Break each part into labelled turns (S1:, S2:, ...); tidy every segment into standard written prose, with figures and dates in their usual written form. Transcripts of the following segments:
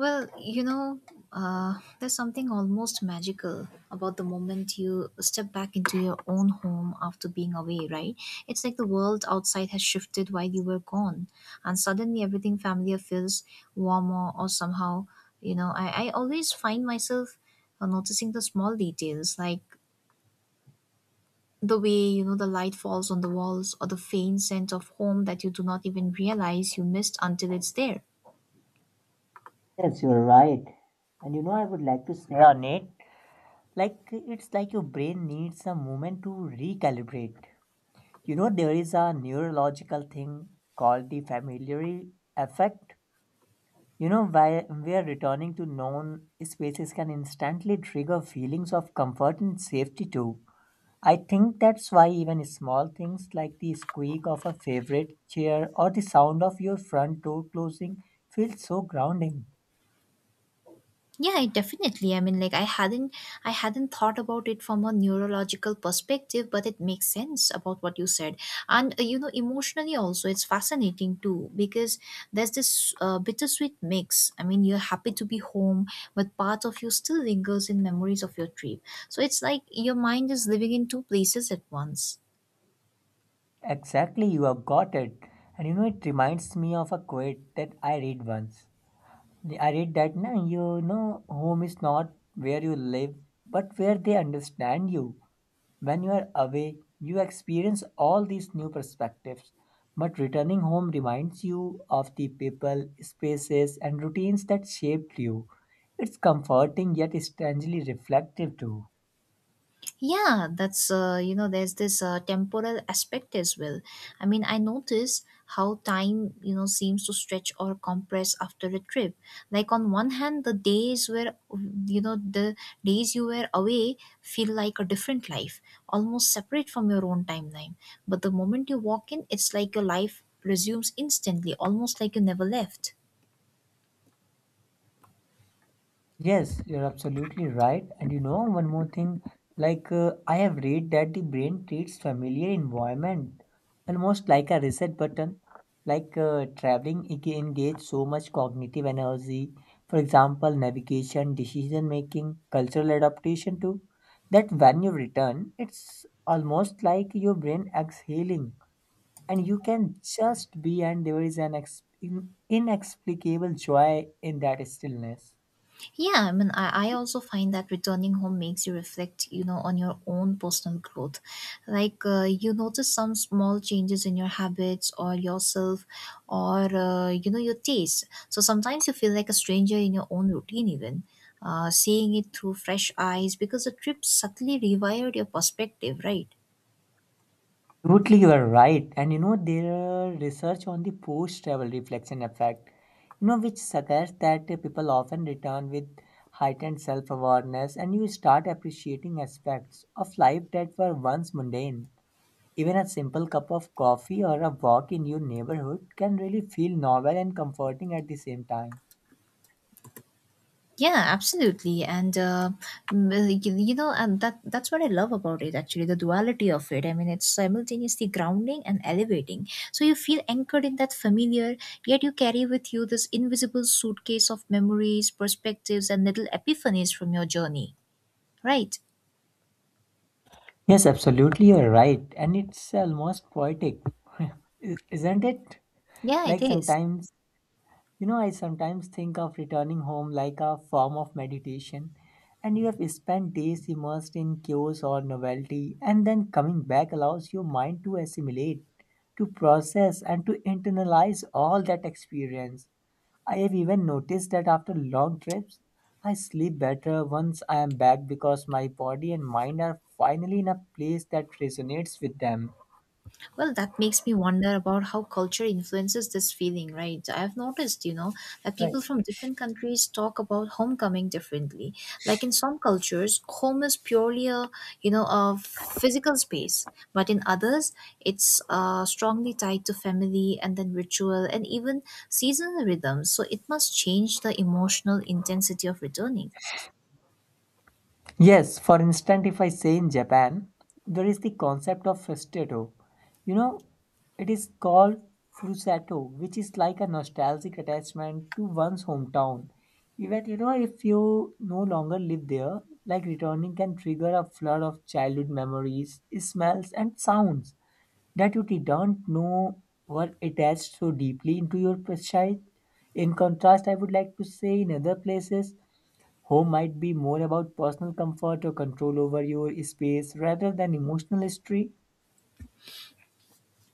S1: Well, you know, there's something almost magical about the moment you step back into your own home after being away, right? It's like the world outside has shifted while you were gone, and suddenly everything familiar feels warmer or somehow, you know, I always find myself noticing the small details like the way, you know, the light falls on the walls or the faint scent of home that you do not even realize you missed until it's there.
S2: Yes, you're right. And you know, I would like to say on it, like it's like your brain needs a moment to recalibrate. You know, there is a neurological thing called the familiar effect. You know, why we are returning to known spaces can instantly trigger feelings of comfort and safety too. I think that's why even small things like the squeak of a favorite chair or the sound of your front door closing feel so grounding.
S1: Yeah, I definitely, I mean, like I hadn't thought about it from a neurological perspective, but it makes sense about what you said. And you know, emotionally also it's fascinating too, because there's this bittersweet mix. I mean, you're happy to be home, but part of you still lingers in memories of your trip. So it's like your mind is living in two places at once.
S2: Exactly, you have got it. And you know, it reminds me of a quote that I read once. I read that now, you know, home is not where you live, but where they understand you. When you are away, you experience all these new perspectives. But returning home reminds you of the people, spaces, and routines that shaped you. It's comforting yet strangely reflective too.
S1: Yeah, that's you know, there's this temporal aspect as well. I mean, I notice how time, you know, seems to stretch or compress after a trip. Like on one hand, the days where you know, the days you were away feel like a different life, almost separate from your own timeline. But the moment you walk in, it's like your life resumes instantly, almost like you never left.
S2: Yes, you're absolutely right. And you know, one more thing, like I have read that the brain treats familiar environment almost like a reset button. Like traveling engage so much cognitive energy, for example, navigation, decision making, cultural adaptation too, that when you return, it's almost like your brain exhaling and you can just be and there is an ex in inexplicable joy in that stillness.
S1: Yeah, I mean, I also find that returning home makes you reflect, you know, on your own personal growth. Like you notice some small changes in your habits or yourself or, you know, your taste. So sometimes you feel like a stranger in your own routine, even. Seeing it through fresh eyes because the trip subtly rewired your perspective, right?
S2: Absolutely, you are right. And you know, there are research on the post travel reflection effect, you know, which suggests that people often return with heightened self awareness and you start appreciating aspects of life that were once mundane. Even a simple cup of coffee or a walk in your neighborhood can really feel novel and comforting at the same time.
S1: Yeah, absolutely, and m- you know, and that's what I love about it. Actually, the duality of it. I mean, it's simultaneously grounding and elevating. So you feel anchored in that familiar, yet you carry with you this invisible suitcase of memories, perspectives, and little epiphanies from your journey. Right?
S2: Yes, absolutely, you're right. And it's almost poetic, isn't it?
S1: Yeah, it
S2: Like
S1: is.
S2: sometimes, you know, I sometimes think of returning home like a form of meditation, and you have spent days immersed in chaos or novelty, and then coming back allows your mind to assimilate, to process, and to internalize all that experience. I have even noticed that after long trips, I sleep better once I am back because my body and mind are finally in a place that resonates with them.
S1: Well, that makes me wonder about how culture influences this feeling, right? I've noticed, you know, that people
S2: Right.
S1: from different countries talk about homecoming differently. Like in some cultures, home is purely a, you know, a physical space, but in others, it's strongly tied to family and then ritual and even seasonal rhythms. So it must change the emotional intensity of returning.
S2: Yes, for instance, if I say in Japan, there is the concept of frustrato. You know, it is called frusato, which is like a nostalgic attachment to one's hometown. Even you know, if you no longer live there, like returning can trigger a flood of childhood memories, smells, and sounds that you don't know were attached so deeply into your precise. In contrast, I would like to say in other places, home might be more about personal comfort or control over your space rather than emotional history.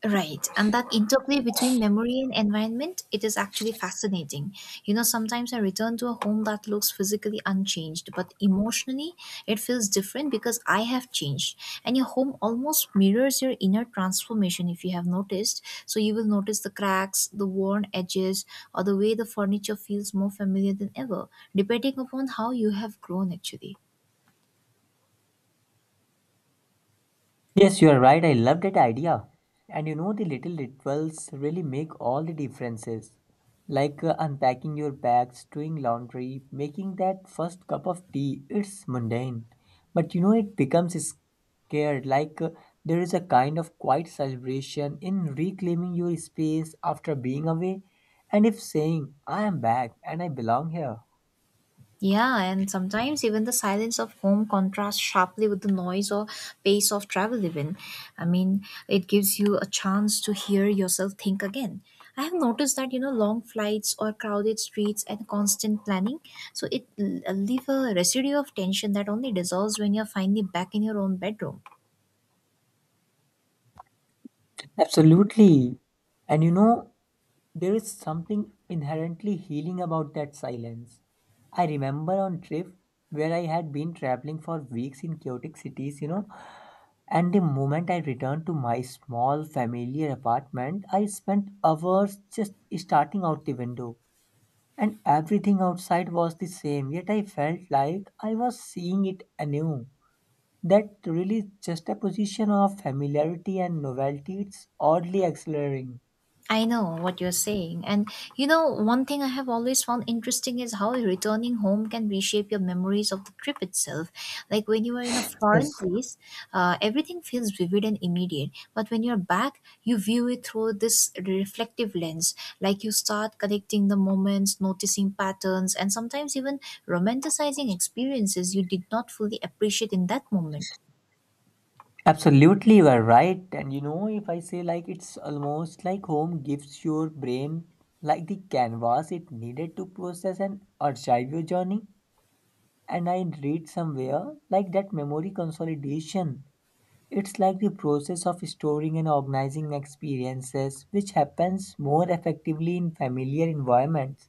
S1: Right, and that interplay between memory and environment, it is actually fascinating. You know, sometimes I return to a home that looks physically unchanged, but emotionally it feels different because I have changed. And your home almost mirrors your inner transformation if you have noticed. So you will notice the cracks, the worn edges, or the way the furniture feels more familiar than ever, depending upon how you have grown actually.
S2: Yes, you are right. I love that idea. And you know, the little rituals really make all the differences. Like unpacking your bags, doing laundry, making that first cup of tea. It's mundane. But you know, it becomes scared. Like there is a kind of quiet celebration in reclaiming your space after being away. And if saying, I am back and I belong here.
S1: Yeah, and sometimes even the silence of home contrasts sharply with the noise or pace of travel, even. I mean, it gives you a chance to hear yourself think again. I have noticed that, you know, long flights or crowded streets and constant planning, so it leave a residue of tension that only dissolves when you're finally back in your own bedroom.
S2: Absolutely. And you know, there is something inherently healing about that silence. I remember on trip where I had been traveling for weeks in chaotic cities, you know, and the moment I returned to my small familiar apartment, I spent hours just starting out the window. And everything outside was the same, yet I felt like I was seeing it anew. That really just a position of familiarity and novelty, it's oddly exhilarating.
S1: I know what you're saying. And you know, one thing I have always found interesting is how returning home can reshape your memories of the trip itself. Like when you are in a
S2: Yes,
S1: foreign place, everything feels vivid and immediate. But when you're back, you view it through this reflective lens. Like you start connecting the moments, noticing patterns, and sometimes even romanticizing experiences you did not fully appreciate in that moment.
S2: absolutely, you are right. And you know, if I say like it's almost like home gives your brain like the canvas it needed to process and archive your journey. And I read somewhere like that memory consolidation. It's like the process of storing and organizing experiences, which happens more effectively in familiar environments.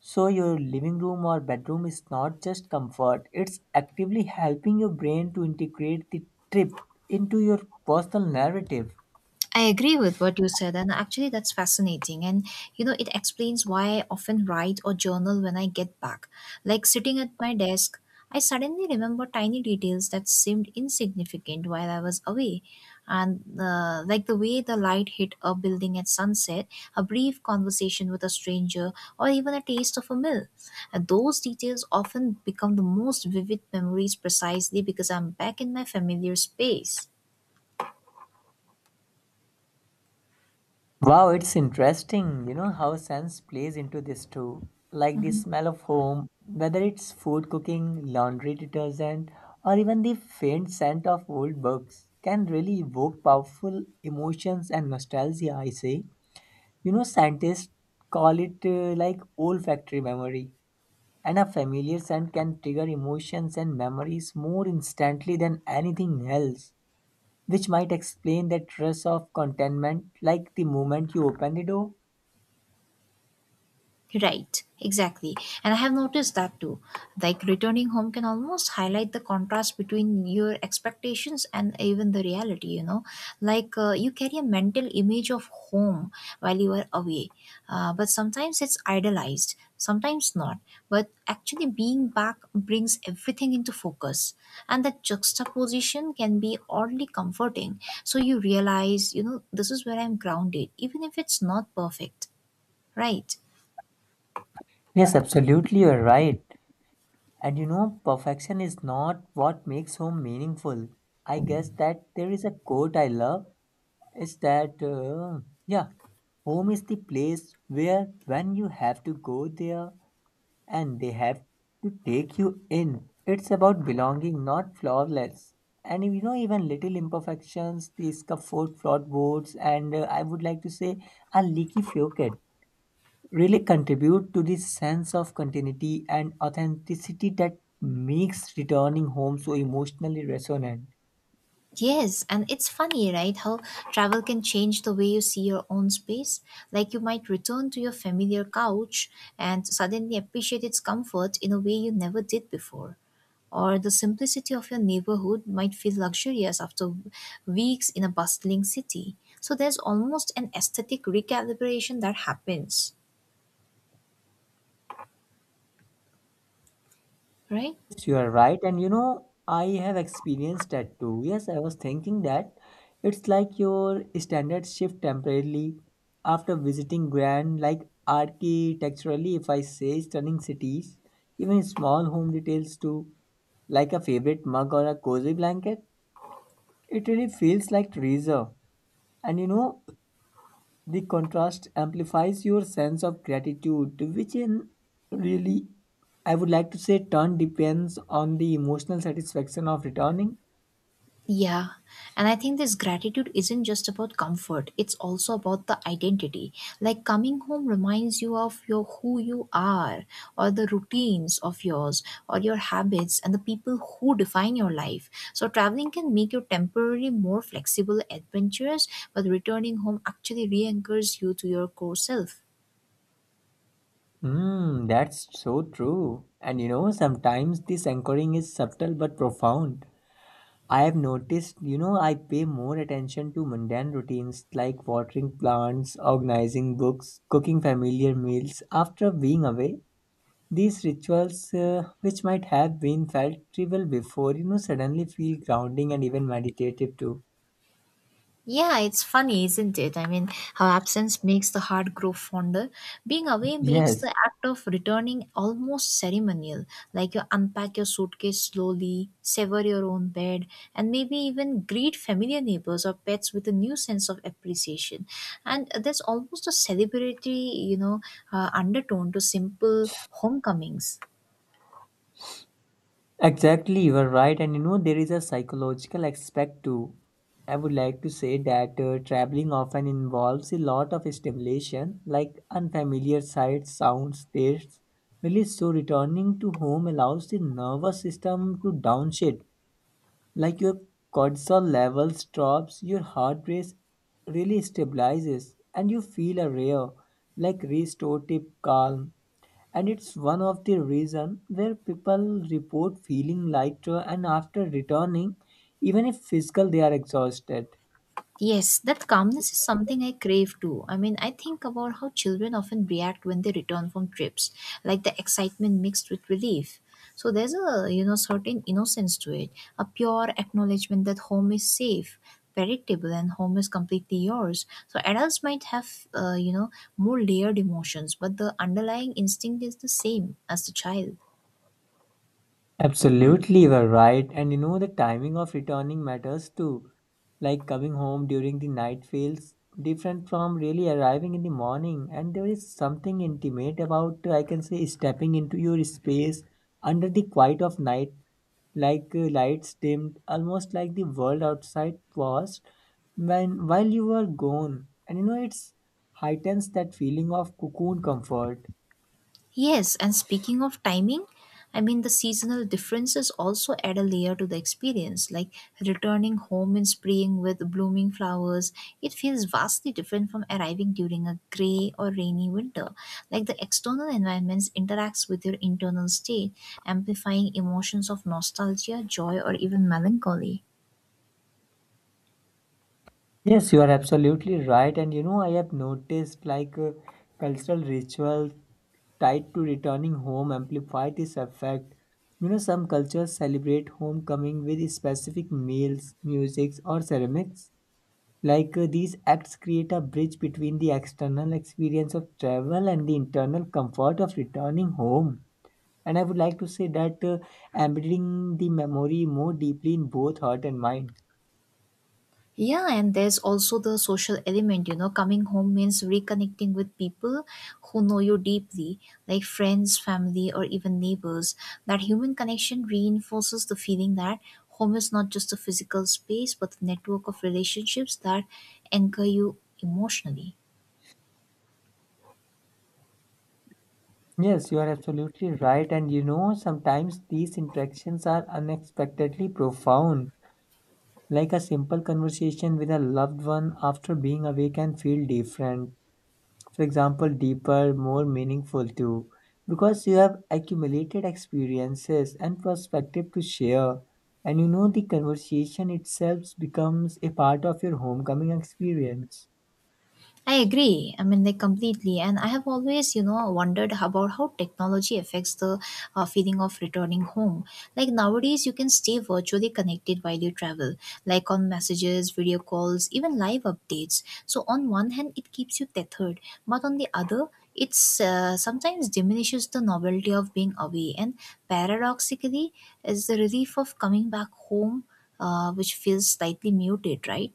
S2: So, your living room or bedroom is not just comfort, it's actively helping your brain to integrate the trip into your personal narrative.
S1: I agree with what you said, and actually, that's fascinating. And you know, it explains why I often write or journal when I get back. Like sitting at my desk, I suddenly remember tiny details that seemed insignificant while I was away. And like the way the light hit a building at sunset, a brief conversation with a stranger, or even a taste of a meal. And those details often become the most vivid memories precisely because I'm back in my familiar space.
S2: Wow, it's interesting, you know, how sense plays into this too. Like the smell of home, whether it's food cooking, laundry detergent, or even the faint scent of old books, can really evoke powerful emotions and nostalgia, I say. You know, scientists call it like olfactory memory and a familiar scent can trigger emotions and memories more instantly than anything else, which might explain that rush of contentment like the moment you open the door.
S1: Right, exactly. And I have noticed that too. Like returning home can almost highlight the contrast between your expectations and even the reality, you know. Like you carry a mental image of home while you are away, but sometimes it's idolized, sometimes not. But actually, being back brings everything into focus, and that juxtaposition can be oddly comforting. So you realize, you know, this is where I'm grounded, even if it's not perfect, right?
S2: Yes, absolutely, you're right. And you know, perfection is not what makes home meaningful. I guess that there is a quote I love. It's that, yeah, home is the place where when you have to go there, and they have to take you in. It's about belonging, not flawless. And you know, even little imperfections, the scaffold flawed boards, and I would like to say a leaky faucet, really contribute to this sense of continuity and authenticity that makes returning home so emotionally resonant.
S1: Yes, and it's funny, right? How travel can change the way you see your own space. Like you might return to your familiar couch and suddenly appreciate its comfort in a way you never did before. Or the simplicity of your neighborhood might feel luxurious after weeks in a bustling city. So there's almost an aesthetic recalibration that happens, right?
S2: Yes, you are right. And you know, I have experienced that too. Yes, I was thinking that it's like your standards shift temporarily after visiting grand, like architecturally, if I say stunning cities, even small home details too, like a favorite mug or a cozy blanket, it really feels like treasure. And you know, the contrast amplifies your sense of gratitude, which in really, I would like to say, turn depends on the emotional satisfaction of returning.
S1: Yeah. And I think this gratitude isn't just about comfort, it's also about the identity. Like coming home reminds you of your who you are, or the routines of yours, or your habits, and the people who define your life. So traveling can make you temporarily more flexible, adventurous, but returning home actually re anchors you to your core self.
S2: Hmm, that's so true. And you know, sometimes this anchoring is subtle but profound. I have noticed, you know, I pay more attention to mundane routines like watering plants, organizing books, cooking familiar meals after being away. These rituals, which might have been felt trivial before, you know, suddenly feel grounding and even meditative too.
S1: Yeah, it's funny, isn't it? I mean, how absence makes the heart grow fonder. Being away makes
S2: Yes.
S1: the act of returning almost ceremonial. Like you unpack your suitcase slowly, sever your own bed, and maybe even greet familiar neighbors or pets with a new sense of appreciation. And there's almost a celebratory, you know, undertone to simple homecomings.
S2: Exactly, you are right. And you know, there is a psychological aspect too. I would like to say that traveling often involves a lot of stimulation, like unfamiliar sights, sounds, tastes. Really, so returning to home allows the nervous system to downshift like your cortisol levels drops your heart rate really stabilizes and you feel a rare like restorative calm and it's one of the reason where people report feeling lighter and after returning even if physical they are exhausted.
S1: Yes, that calmness is something I crave too. I mean, I think about how children often react when they return from trips, like the excitement mixed with relief. So there's a, you know, certain innocence to it, a pure acknowledgement that home is safe, predictable, and home is completely yours. So adults might have, you know, more layered emotions, but the underlying instinct is the same as the child.
S2: Absolutely, you are right. And you know, the timing of returning matters too. Like coming home during the night feels different from really arriving in the morning. And there is something intimate about, I can say, stepping into your space under the quiet of night, like lights dimmed, almost like the world outside paused when while you were gone. And you know, it's heightens that feeling of cocoon comfort.
S1: Yes, and speaking of timing, I mean the seasonal differences also add a layer to the experience. Like returning home in spring with blooming flowers, it feels vastly different from arriving during a gray or rainy winter. Like the external environments interacts with your internal state, amplifying emotions of nostalgia, joy, or even melancholy.
S2: Yes, you are absolutely right. And you know, I have noticed like cultural rituals tied to returning home amplify this effect. You know, some cultures celebrate homecoming with specific meals, musics, or ceramics. Like these acts create a bridge between the external experience of travel and the internal comfort of returning home. And I would like to say that embedding the memory more deeply in both heart and mind.
S1: Yeah, and there's also the social element, you know, coming home means reconnecting with people who know you deeply, like friends, family, or even neighbors. That human connection reinforces the feeling that home is not just a physical space, but a network of relationships that anchor you emotionally.
S2: Yes, you are absolutely right. And you know, sometimes these interactions are unexpectedly profound. Like a simple conversation with a loved one after being away can feel different. For example, deeper, more meaningful too. Because you have accumulated experiences and perspective to share. And you know, the conversation itself becomes a part of your homecoming experience.
S1: I agree. I mean, like completely. And I have always, you know, wondered about how technology affects the feeling of returning home. Like nowadays, you can stay virtually connected while you travel, like on messages, video calls, even live updates. So, on one hand, it keeps you tethered, but on the other, it's sometimes diminishes the novelty of being away. And paradoxically, is the relief of coming back home, which feels slightly muted, right?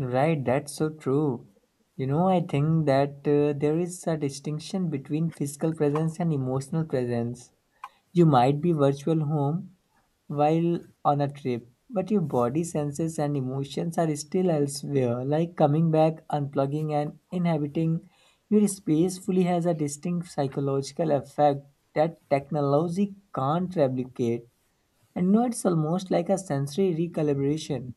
S2: Right, that's so true. You know, I think that there is a distinction between physical presence and emotional presence. You might be virtual home while on a trip, but your body senses and emotions are still elsewhere, like coming back, unplugging, and inhabiting your space fully has a distinct psychological effect that technology can't replicate. And you know, it's almost like a sensory recalibration.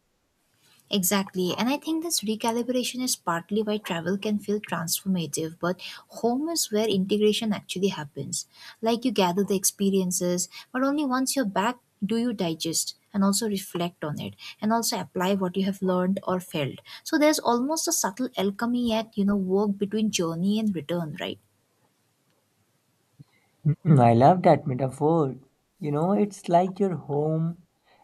S1: Exactly. And I think this recalibration is partly why travel can feel transformative, but home is where integration actually happens. Like you gather the experiences, but only once you're back do you digest and also reflect on it and also apply what you have learned or felt. So there's almost a subtle alchemy at, you know, work between journey and return, right?
S2: Mm, I love that metaphor. You know, it's like your home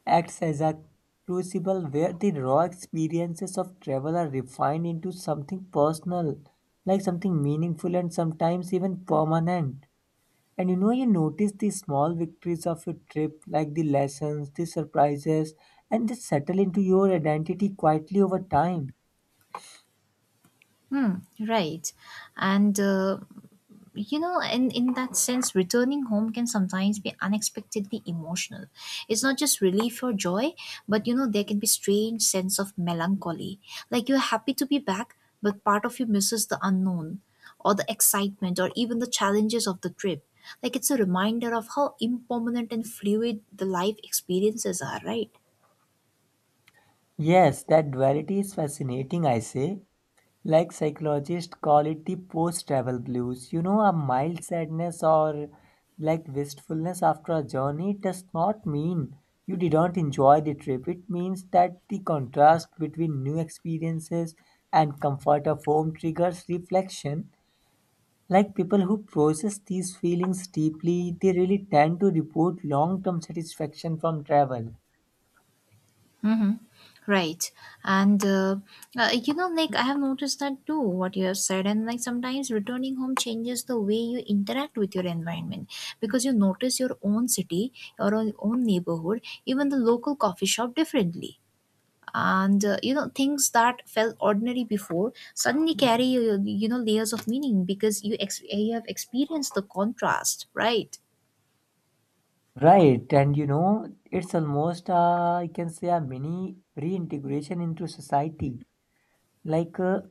S2: acts as a crucible where the raw experiences of travel are refined into something personal, like something meaningful and sometimes even permanent. And you know, you notice the small victories of your trip, like the lessons, the surprises, and they settle into your identity quietly over time.
S1: Hmm, right. And you know, and in that sense returning home can sometimes be unexpectedly emotional. It's not just relief or joy, but you know, there can be strange sense of melancholy. Like you're happy to be back, but part of you misses the unknown or the excitement or even the challenges of the trip. Like it's a reminder of how impermanent and fluid the life experiences are, right?
S2: Yes, that duality is fascinating, I say. Like psychologists call it the post-travel blues. You know, a mild sadness or like wistfulness after a journey does not mean you didn't enjoy the trip. It means that the contrast between new experiences and comfort of home triggers reflection. Like people who process these feelings deeply, they really tend to report long-term satisfaction from travel.
S1: Mm-hmm. Right. And, uh, you know, like I have noticed that too, what you have said. And like sometimes returning home changes the way you interact with your environment because you notice your own city, your own neighborhood, even the local coffee shop differently. And, you know, things that felt ordinary before suddenly carry, you know, layers of meaning because you, you have experienced the contrast, right?
S2: Right, and you know, it's almost I can say a mini reintegration into society. Like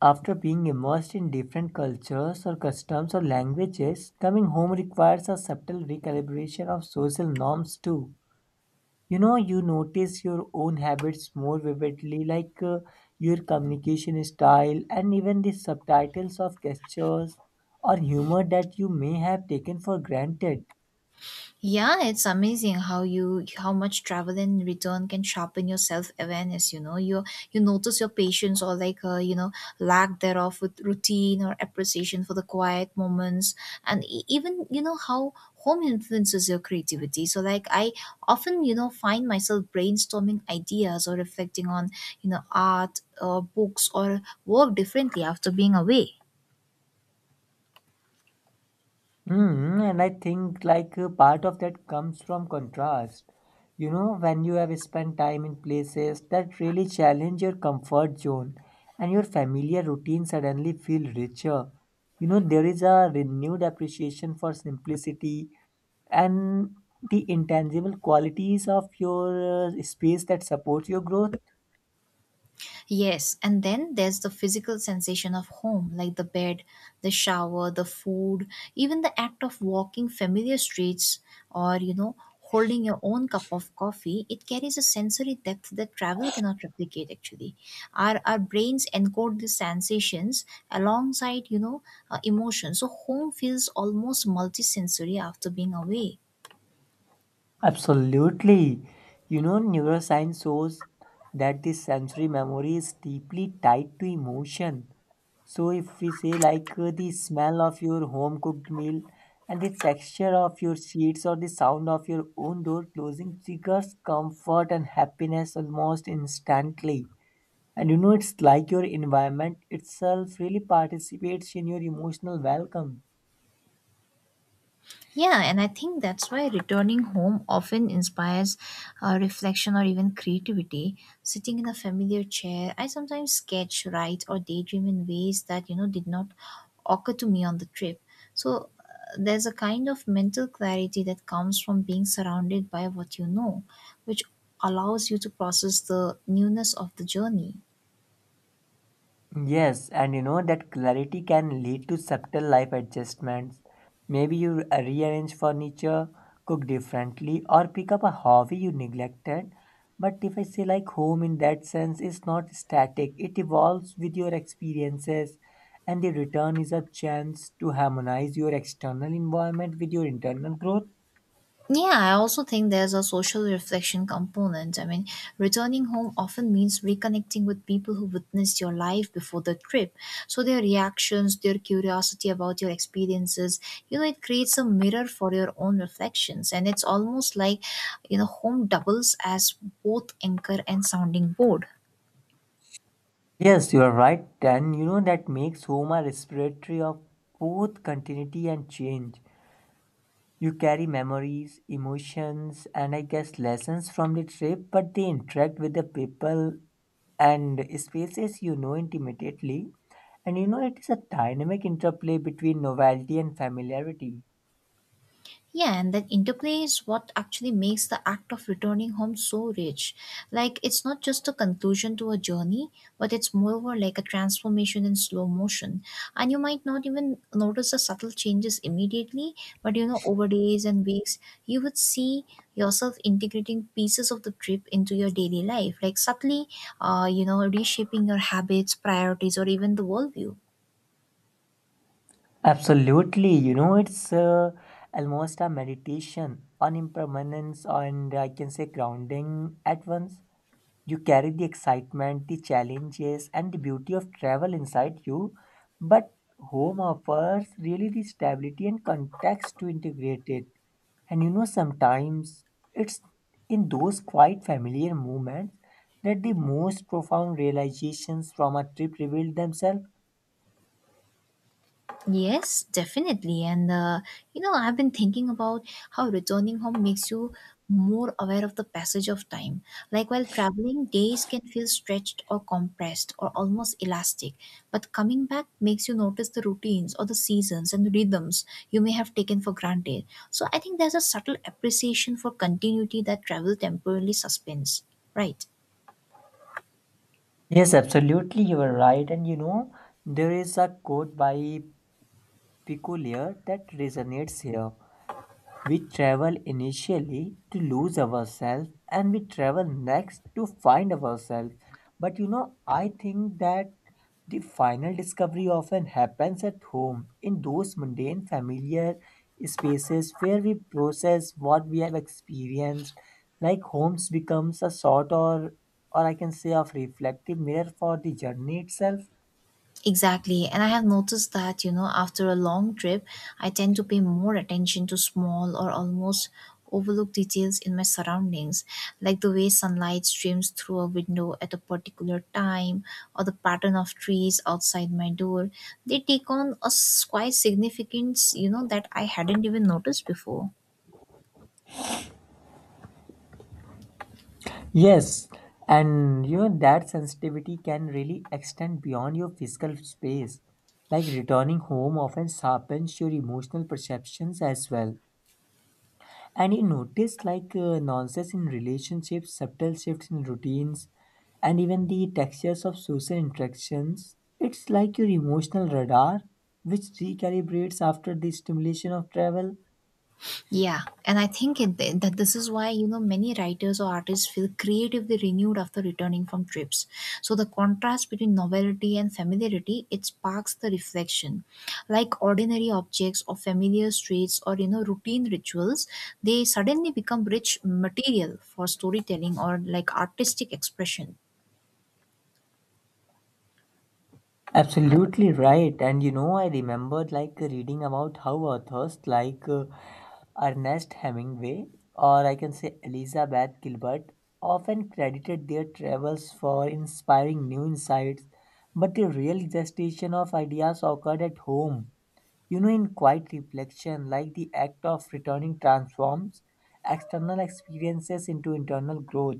S2: after being immersed in different cultures or customs or languages, coming home requires a subtle recalibration of social norms too. You know, you notice your own habits more vividly, like your communication style and even the subtitles of gestures or humor that you may have taken for granted.
S1: Yeah, it's amazing how you how much travel and return can sharpen your self awareness. You know, you notice your patience or like you know, lack thereof with routine or appreciation for the quiet moments, and even you know how home influences your creativity. So like I often, you know, find myself brainstorming ideas or reflecting on, you know, art or books or work differently after being away.
S2: Mm, and I think like a part of that comes from contrast. You know, when you have spent time in places that really challenge your comfort zone and your familiar routine suddenly feel richer. You know, there is a renewed appreciation for simplicity and the intangible qualities of your space that supports your growth.
S1: Yes, and then there's the physical sensation of home, like the bed, the shower, the food, even the act of walking familiar streets or, you know, holding your own cup of coffee. It carries a sensory depth that travel cannot replicate, actually. Our brains encode these sensations alongside, you know, emotions. So home feels almost multisensory after being away.
S2: Absolutely. You know, neuroscience shows that the sensory memory is deeply tied to emotion. So, if we say, like, the smell of your home cooked meal and the texture of your sheets or the sound of your own door closing triggers comfort and happiness almost instantly. And you know, it's like your environment itself really participates in your emotional welcome.
S1: Yeah, and I think that's why returning home often inspires reflection or even creativity. Sitting in a familiar chair, I sometimes sketch, write, or daydream in ways that you know did not occur to me on the trip. So there's a kind of mental clarity that comes from being surrounded by what you know, which allows you to process the newness of the journey.
S2: Yes, and you know that clarity can lead to subtle life adjustments. Maybe you rearrange furniture, cook differently, or pick up a hobby you neglected. But if I say, like, home in that sense is not static, it evolves with your experiences, and the return is a chance to harmonize your external environment with your internal growth.
S1: Yeah, I also think there's a social reflection component. I mean, returning home often means reconnecting with people who witnessed your life before the trip. So their reactions, their curiosity about your experiences, you know, it creates a mirror for your own reflections. And it's almost like, you know, home doubles as both anchor and sounding board.
S2: Yes, you are right, and you know that makes home a respiratory of both continuity and change. You carry memories, emotions, and I guess lessons from the trip, but they interact with the people and spaces you know intimately. And you know, it is a dynamic interplay between novelty and familiarity.
S1: Yeah, and that interplay is what actually makes the act of returning home so rich. Like, it's not just a conclusion to a journey, but it's moreover like a transformation in slow motion. And you might not even notice the subtle changes immediately, but you know, over days and weeks, you would see yourself integrating pieces of the trip into your daily life, like subtly, you know, reshaping your habits, priorities, or even the worldview.
S2: Absolutely, you know, it's almost a meditation on impermanence and I can say grounding at once. You carry the excitement, the challenges, and the beauty of travel inside you, but home offers really the stability and context to integrate it. And you know, sometimes it's in those quite familiar moments that the most profound realizations from a trip reveal themselves.
S1: Yes, definitely. And you know, I've been thinking about how returning home makes you more aware of the passage of time. Like while traveling, days can feel stretched or compressed or almost elastic. But coming back makes you notice the routines or the seasons and rhythms you may have taken for granted. So I think there's a subtle appreciation for continuity that travel temporarily suspends. Right.
S2: Yes, absolutely, you are right. And you know, there is a quote by Picolier that resonates here. We travel initially to lose ourselves and we travel next to find ourselves. But you know, I think that the final discovery often happens at home in those mundane, familiar spaces where we process what we have experienced. Like homes becomes a sort or I can say of reflective mirror for the journey itself.
S1: Exactly. And I have noticed that, you know, after a long trip, I tend to pay more attention to small or almost overlooked details in my surroundings, like the way sunlight streams through a window at a particular time or the pattern of trees outside my door. They take on quite significance, you know, that I hadn't even noticed before.
S2: Yes, and you know that sensitivity can really extend beyond your physical space. Like returning home often sharpens your emotional perceptions as well. And you notice like nonsense in relationships, subtle shifts in routines, and even the textures of social interactions. It's like your emotional radar, which recalibrates after the stimulation of travel.
S1: Yeah, and I think it, that this is why you know many writers or artists feel creatively renewed after returning from trips. So the contrast between novelty and familiarity it sparks the reflection. Like ordinary objects or familiar streets or you know routine rituals, they suddenly become rich material for storytelling or like artistic expression.
S2: Absolutely right. And you know, I remembered like reading about how authors like Ernest Hemingway or I can say Elizabeth Gilbert often credited their travels for inspiring new insights, but the real gestation of ideas occurred at home. You know, in quiet reflection, like the act of returning transforms external experiences into internal growth.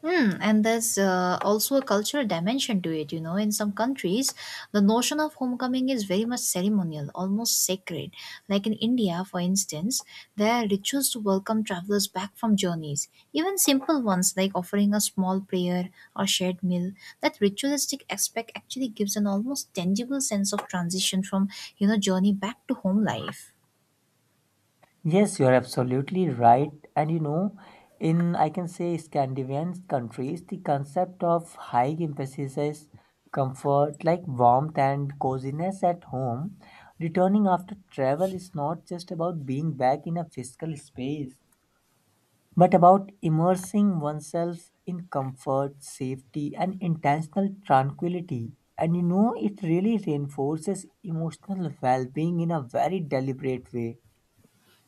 S1: Hmm, and there's also a cultural dimension to it. You know, in some countries, the notion of homecoming is very much ceremonial, almost sacred. Like in India, for instance, there are rituals to welcome travelers back from journeys. Even simple ones like offering a small prayer or shared meal. That ritualistic aspect actually gives an almost tangible sense of transition from, you know, journey back to home life.
S2: Yes, you're absolutely right. And you know, in I can say Scandinavian countries, the concept of high emphasis is comfort like warmth and coziness at home. Returning after travel is not just about being back in a physical space, but about immersing oneself in comfort, safety, and intentional tranquility. And you know, it really reinforces emotional well being in a very deliberate way.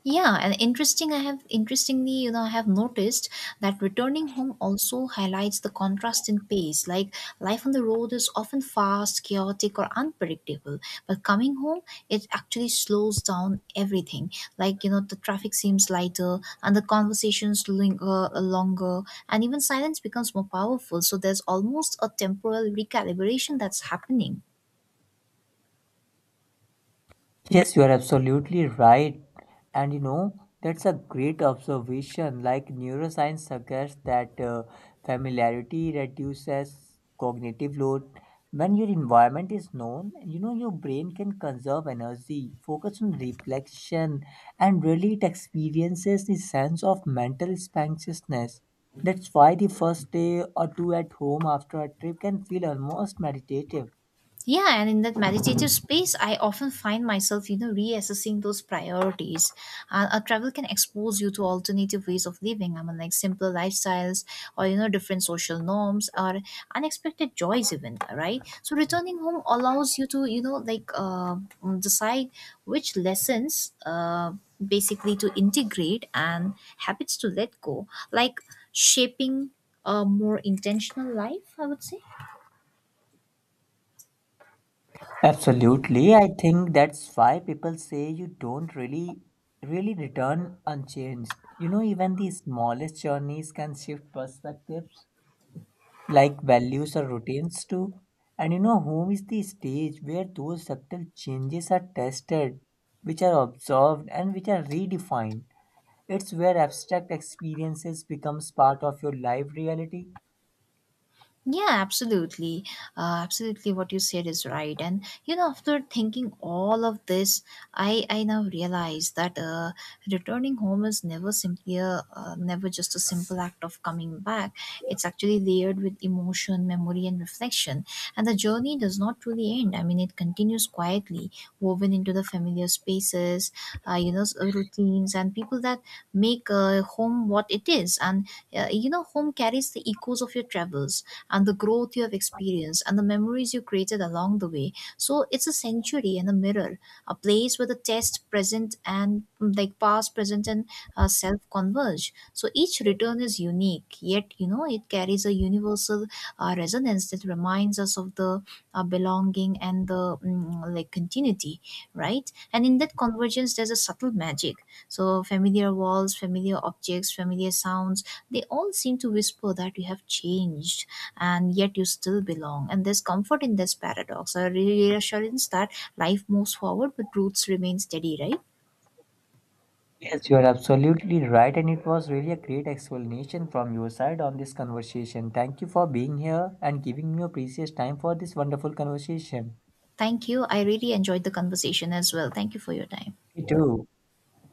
S1: Yeah, and interesting. I have interestingly, you know, I have noticed that returning home also highlights the contrast in pace. Like life on the road is often fast, chaotic, or unpredictable, but coming home, it actually slows down everything. Like you know, the traffic seems lighter, and the conversations linger longer, and even silence becomes more powerful. So there's almost a temporal recalibration that's happening.
S2: Yes, you are absolutely right. And you know, that's a great observation. Like neuroscience suggests that familiarity reduces cognitive load. When your environment is known, you know, your brain can conserve energy, focus on reflection, and really it experiences the sense of mental spaciousness. That's why the first day or two at home after a trip can feel almost meditative.
S1: Yeah, and in that meditative space, I often find myself, you know, reassessing those priorities. A travel can expose you to alternative ways of living. I mean, like simpler lifestyles, or you know, different social norms, or unexpected joys, even. Right. So returning home allows you to, you know, like decide which lessons, basically, to integrate and habits to let go, like shaping a more intentional life, I would say.
S2: Absolutely. I think that's why people say you don't really return unchanged. You know, even the smallest journeys can shift perspectives, like values or routines too. And you know, home is the stage where those subtle changes are tested, which are observed, and which are redefined. It's where abstract experiences becomes part of your life reality.
S1: Yeah, absolutely. Absolutely, what you said is right. And you know, after thinking all of this, I now realize that returning home is never simply never just a simple act of coming back. It's actually layered with emotion, memory, and reflection. And the journey does not really end. I mean, it continues quietly, woven into the familiar spaces, routines, and people that make home what it is, and you know, home carries the echoes of your travels, and the growth you have experienced, and the memories you created along the way. So it's a sanctuary and a mirror, a place where the test present and like past, present, and self converge. So each return is unique, yet you know it carries a universal resonance that reminds us of the belonging and the like continuity, right? And in that convergence there's a subtle magic. So, familiar walls, familiar objects, familiar sounds, they all seem to whisper that you have changed, and yet you still belong. And there's comfort in this paradox, a reassurance that life moves forward but roots remain steady, right?
S2: Yes, you are absolutely right, and it was really a great explanation from your side on this conversation. Thank you for being here and giving me your precious time for this wonderful conversation.
S1: Thank you. I really enjoyed the conversation as well. Thank you for your time.
S2: Me too.